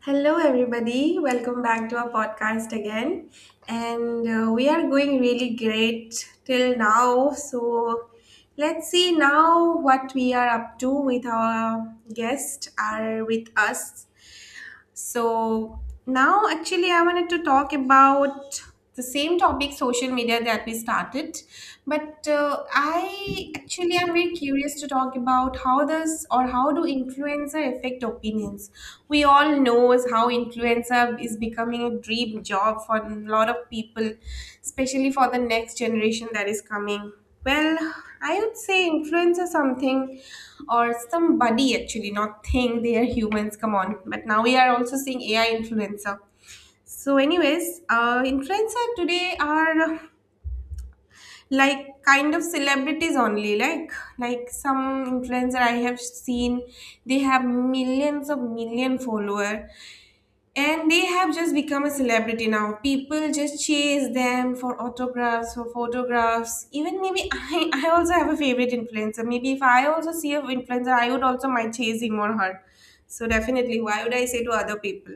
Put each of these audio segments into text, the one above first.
Hello, everybody. Welcome back to our podcast again. And We are going really great till now. So let's see now what we are up to with our guests are with us. So now actually I wanted to talk about the same topic social media that we started but I actually am very curious to talk about how does or how do influencer affect opinions. We all knows how influencer is becoming a dream job for a lot of people, especially for the next generation that is coming. Well, I would say influencer something or somebody actually not think they are humans, come on, but now we are also seeing ai influencer. So anyways, influencer today are like kind of celebrities only, like some influencer I have seen, they have millions of million follower, and they have just become a celebrity now. People just chase them for autographs, for photographs. Even maybe I also have a favorite influencer. Maybe if I also see a influencer, I would also might chase him or her. So definitely, why would I say to other people?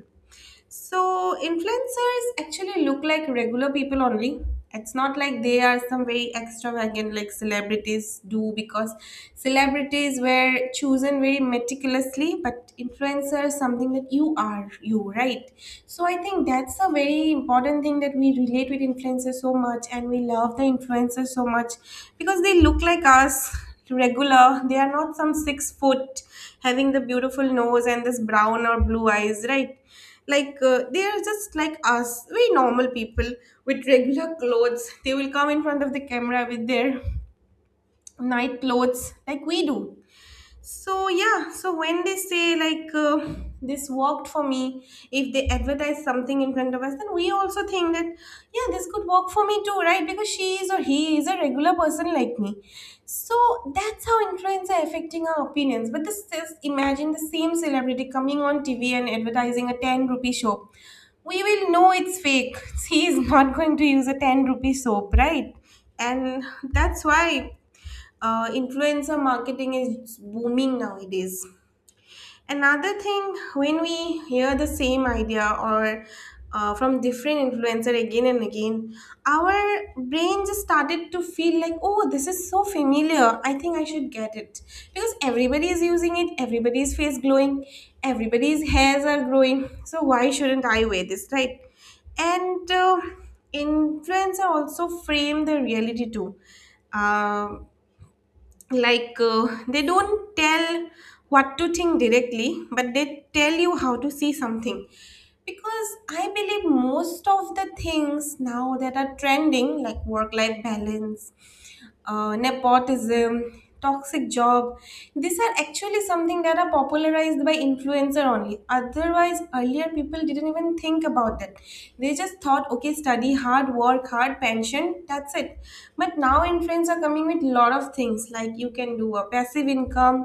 So influencers actually look like regular people only. It's not like they are some very extravagant like celebrities do because celebrities were chosen very meticulously, but influencers something that you are you, right? So I think that's a very important thing that we relate with influencers so much and we love the influencers so much because they look like us regular. They are not some six-foot having the beautiful nose and this brown or blue eyes, right? They are just like us, we normal people with regular clothes. They will come in front of the camera with their night clothes like we do. So yeah, so when they say like, this worked for me, if they advertise something in front of us, then we also think that yeah, this could work for me too, right? Because she is or he is a regular person like me. So that's how influence are affecting our opinions. But this is, imagine the same celebrity coming on TV and advertising a 10 rupee soap. We will know it's fake. He is not going to use a 10 rupee soap, right? And that's why influencer marketing is booming nowadays. Another thing, when we hear the same idea or from different influencer again and again, our brain just started to feel like, oh, this is so familiar. I think I should get it because everybody is using it. Everybody's face glowing. Everybody's hairs are growing. So why shouldn't I wear this, right? And influencer also frame the reality too. Um they don't tell what to think directly, but they tell you how to see something because I believe most of the things now that are trending like work life balance, nepotism, toxic job, these are actually something that are popularized by influencer only. Otherwise earlier people didn't even think about that. They just thought okay, study hard, work hard, pension, that's it. But now influencers are coming with lot of things like you can do a passive income,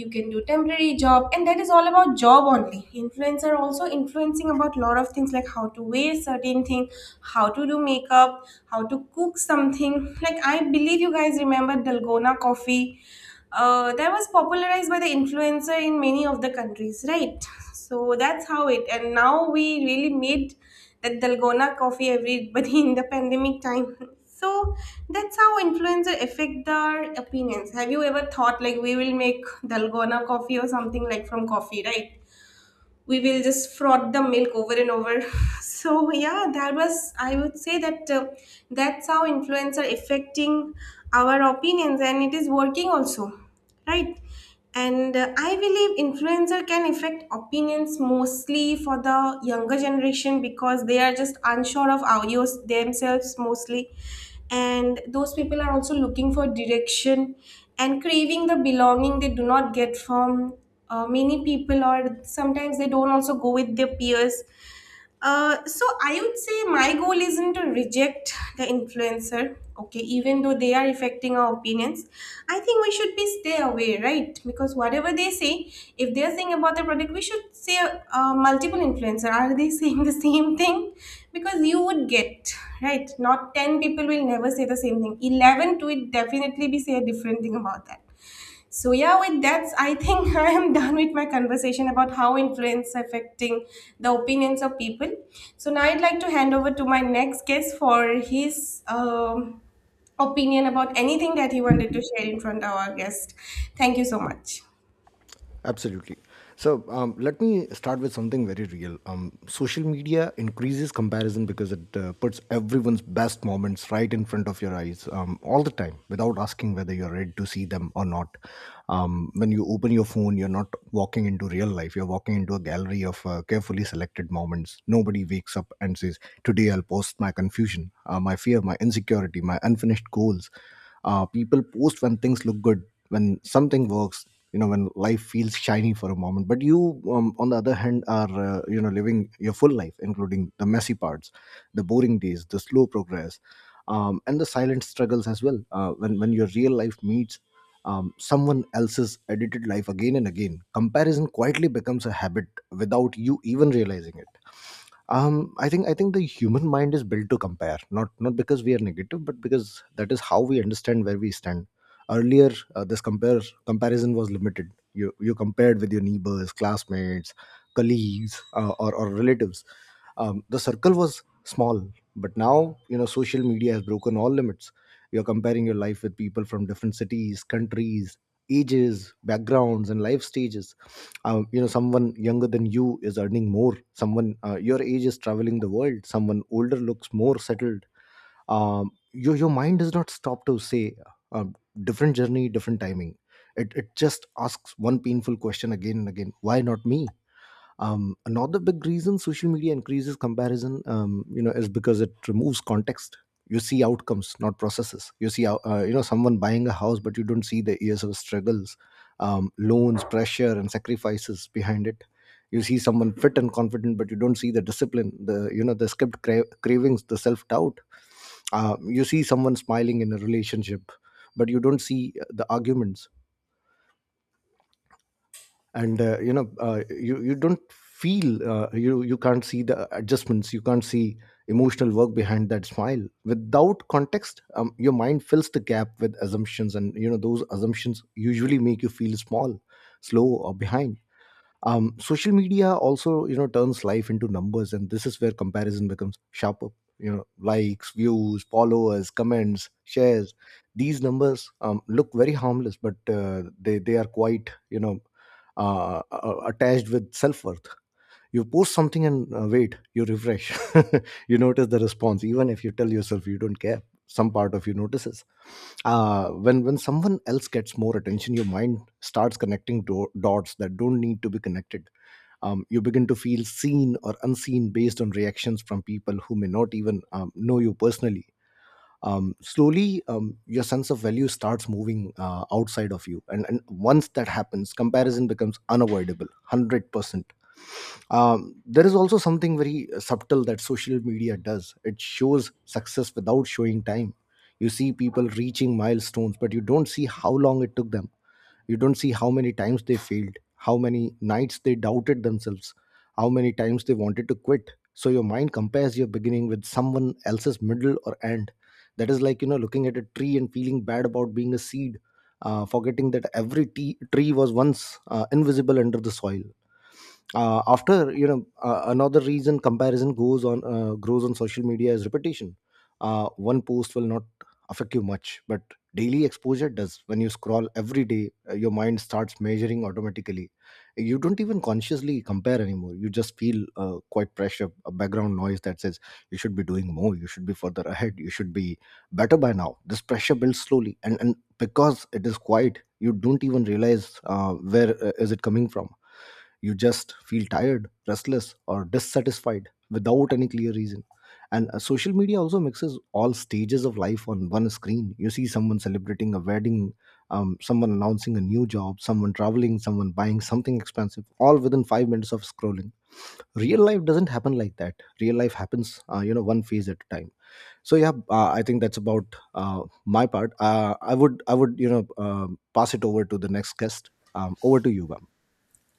you can do temporary job, and that is all about job only. Influencer also influencing about lot of things like how to wear certain thing, how to do makeup, how to cook something. Like I believe you guys remember dalgona coffee. That was popularized by the influencer in many of the countries, right? So that's how it. And now we really made that dalgona coffee everybody in the pandemic time. So that's how influencer affect their opinions. Have you ever thought like we will make dalgona coffee or something like from coffee, right? We will just froth the milk over and over. So yeah, that was, I would say that that's how influencer affecting our opinions, and it is working also, right? and I believe influencer can affect opinions mostly for the younger generation because they are just unsure of audios themselves mostly, and those people are also looking for direction and craving the belonging they do not get from many people, or sometimes they don't also go with their peers. So I would say my goal isn't to reject the influencer, okay? Even though they are affecting our opinions, I think we should be stay away, right? Because whatever they say, if they are saying about the product, we should say, multiple influencer are they saying the same thing? Because you would get right, not 10 people will never say the same thing, 11 to it definitely be say a different thing about that. So yeah, with that, I think I am done with my conversation about how influence affecting the opinions of people. So now I'd like to hand over to my next guest for his opinion about anything that he wanted to share in front of our guest. Thank you so much. Absolutely. Let me start with something very real. Social media increases comparison because it puts everyone's best moments right in front of your eyes all the time without asking whether you're ready to see them or not. When you open your phone, you're not walking into real life, you're walking into a gallery of carefully selected moments. Nobody wakes up and says, today I'll post my confusion, my fear, my insecurity, my unfinished goals. People post when things look good, when something works, you know, when life feels shiny for a moment, but you, on the other hand, are, you know, living your full life, including the messy parts, the boring days, the slow progress, and the silent struggles as well. When your real life meets someone else's edited life again and again, comparison quietly becomes a habit without you even realizing it. I think the human mind is built to compare, not because we are negative, but because that is how we understand where we stand. Earlier, this compare comparison was limited. You compared with your neighbors, classmates, colleagues, or relatives. The circle was small, but now, you know, social media has broken all limits. You're comparing your life with people from different cities, countries, ages, backgrounds, and life stages. You know, someone younger than you is earning more, someone your age is traveling the world, someone older looks more settled. Your mind does not stop to say, uh, different journey, different timing. It just asks one painful question again and again: why not me? Another big reason social media increases comparison, you know, is because it removes context. You see outcomes, not processes. You know, someone buying a house, but you don't see the years of struggles, loans, pressure, and sacrifices behind it. You see someone fit and confident, but you don't see the discipline, the, you know, the skipped cravings, the self doubt. You see someone smiling in a relationship, but you don't see the arguments and, you know, you don't feel, you can't see the adjustments, you can't see emotional work behind that smile. Without context, your mind fills the gap with assumptions, and, you know, those assumptions usually make you feel small, slow, or behind. Social media also, you know, turns life into numbers, and this is where comparison becomes sharper. You know, likes, views, followers, comments, shares, these numbers look very harmless, but they are quite, you know, attached with self worth. You post something and, wait, you refresh. You notice the response. Even if you tell yourself you don't care, some part of you notices. When someone else gets more attention, your mind starts connecting dots that don't need to be connected. You begin to feel seen or unseen based on reactions from people who may not even know you personally. Slowly, your sense of value starts moving outside of you, and once that happens, comparison becomes unavoidable, 100%. There is also something very subtle that social media does: it shows success without showing time. You see people reaching milestones, but you don't see how long it took them. You don't see how many times they failed, how many nights they doubted themselves, how many times they wanted to quit. So your mind compares your beginning with someone else's middle or end. That is like, you know, looking at a tree and feeling bad about being a seed, forgetting that every tree was once invisible under the soil. After you know Another reason comparison goes on grows on social media is repetition. One post will not affect you much, but daily exposure does. When you scroll every day, your mind starts measuring automatically. You don't even consciously compare anymore, you just feel quite pressure, a background noise that says you should be doing more, you should be further ahead, you should be better by now. This pressure builds slowly, and because it is quiet, you don't even realize where is it coming from. You just feel tired, restless, or dissatisfied without any clear reason. And, social media also mixes all stages of life on one screen. You see someone celebrating a wedding, someone announcing a new job, someone traveling, someone buying something expensive, all within 5 minutes of scrolling. Real life doesn't happen like that. Real life happens, you know, one phase at a time. So yeah, I think that's about my part. You know, pass it over to the next guest. Over to you, ma'am.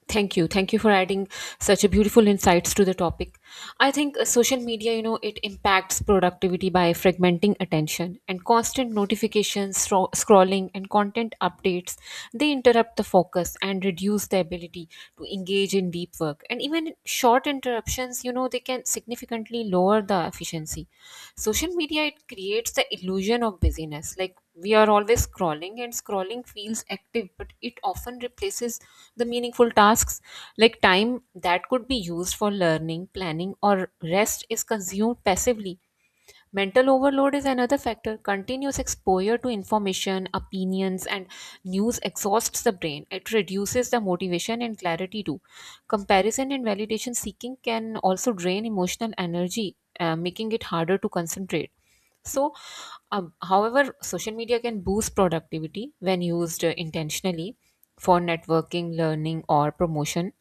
Thank you. Thank you for adding such a beautiful insights to the topic. I think social media, you know, it impacts productivity by fragmenting attention and constant notifications, scrolling and content updates. They interrupt the focus and reduce the ability to engage in deep work. And even short interruptions, you know, they can significantly lower the efficiency. Social media, it creates the illusion of busyness. Like, we are always scrolling, and scrolling feels active but it often replaces the meaningful tasks, like time that could be used for learning, planning, or rest is consumed passively. Mental overload is another factor. Continuous exposure to information, opinions, and news exhausts the brain. It reduces the motivation and clarity too. Comparison and validation seeking can also drain emotional energy, making it harder to concentrate. So, however, social media can boost productivity when used intentionally for networking, learning, or promotion.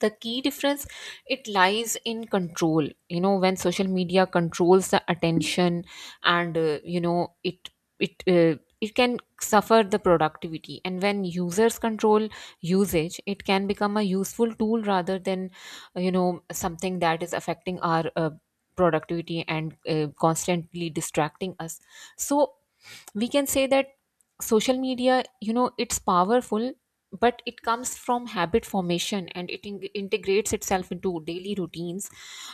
The key difference, it lies in control, you know, when social media controls the attention, and you know, it can suffer the productivity, and when users control usage, it can become a useful tool rather than you know, something that is affecting our productivity and constantly distracting us. So we can say that social media, you know, it's powerful, but it comes from habit formation and it integrates itself into daily routines,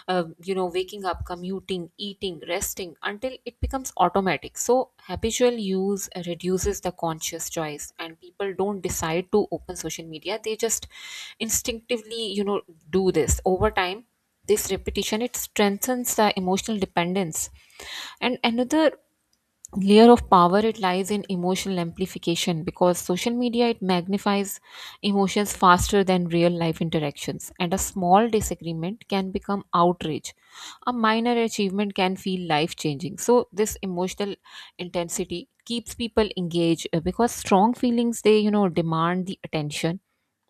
you know, waking up, commuting, eating, resting, until it becomes automatic. So habitual use reduces the conscious choice, and people don't decide to open social media, they just instinctively, you know, do this over time. This repetition, it strengthens the emotional dependence. And another layer of power, it lies in emotional amplification, because social media, it magnifies emotions faster than real life interactions, and a small disagreement can become outrage, a minor achievement can feel life changing. So this emotional intensity keeps people engaged, because strong feelings, they, you know, demand the attention,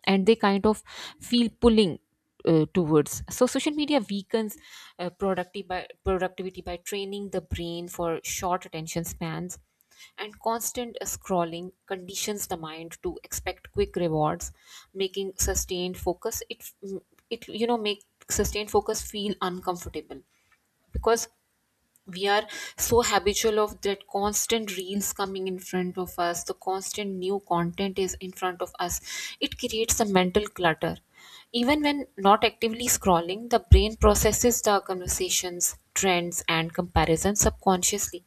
and they kind of feel pulling towards. So social media weakens productivity by training the brain for short attention spans, and constant scrolling conditions the mind to expect quick rewards, making sustained focus, it you know make sustained focus feel uncomfortable, because we are so habitual of that constant reels coming in front of us, the constant new content is in front of us. It creates a mental clutter. Even when not actively scrolling, the brain processes the conversations, trends, and comparisons subconsciously.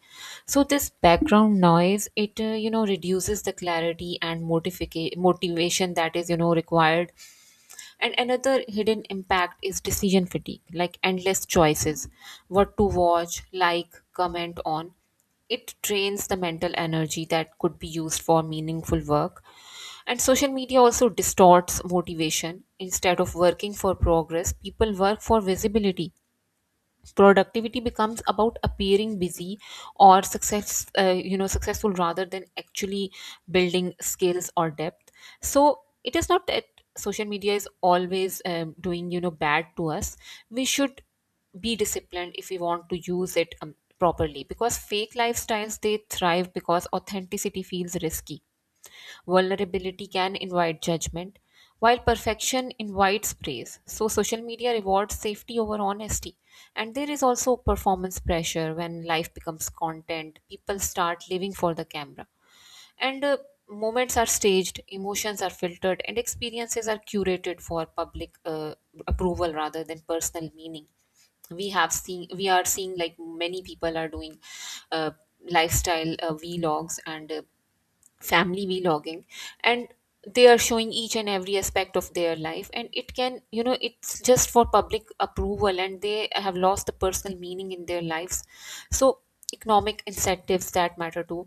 So this background noise, it you know, reduces the clarity and motivation that is, you know, required. And another hidden impact is decision fatigue, like endless choices, what to watch, like, comment on. It drains the mental energy that could be used for meaningful work. And social media also distorts motivation. Instead of working for progress, people work for visibility. Productivity becomes about appearing busy or success, you know, successful, rather than actually building skills or depth. So it is not that social media is always, doing, you know, bad to us. We should be disciplined if we want to use it properly, because fake lifestyles, they thrive because authenticity feels risky. Vulnerability can invite judgment, while perfection invites praise. So, social media rewards safety over honesty. And there is also performance pressure. When life becomes content, people start living for the camera. And moments are staged, emotions are filtered, and experiences are curated for public approval rather than personal meaning. We have seen we are seeing like many people are doing uh, lifestyle vlogs and family vlogging, and they are showing each and every aspect of their life, and it can, you know, it's just for public approval, and they have lost the personal meaning in their lives. So economic incentives, that matter too.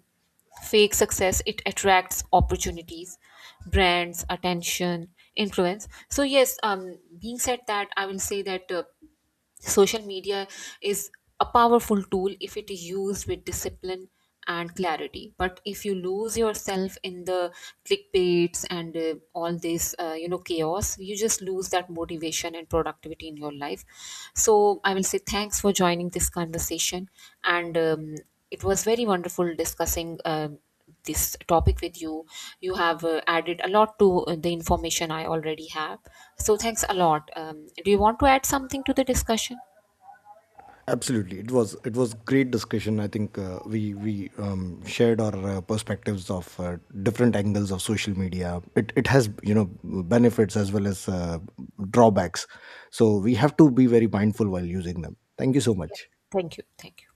Fake success, it attracts opportunities, brands, attention, influence. So yes, being said that, I will say that, social media is a powerful tool if it is used with discipline and clarity. But if you lose yourself in the clickbaits and all this, you know, chaos, you just lose that motivation and productivity in your life. So I will say thanks for joining this conversation, and, it was very wonderful discussing this topic with you. You have added a lot to the information I already have. So thanks a lot. Do you want to add something to the discussion? Absolutely, it was great discussion. I think we shared our perspectives of different angles of social media. It has, you know, benefits as well as drawbacks. So we have to be very mindful while using them. Thank you so Yeah. much. Thank you. Thank you.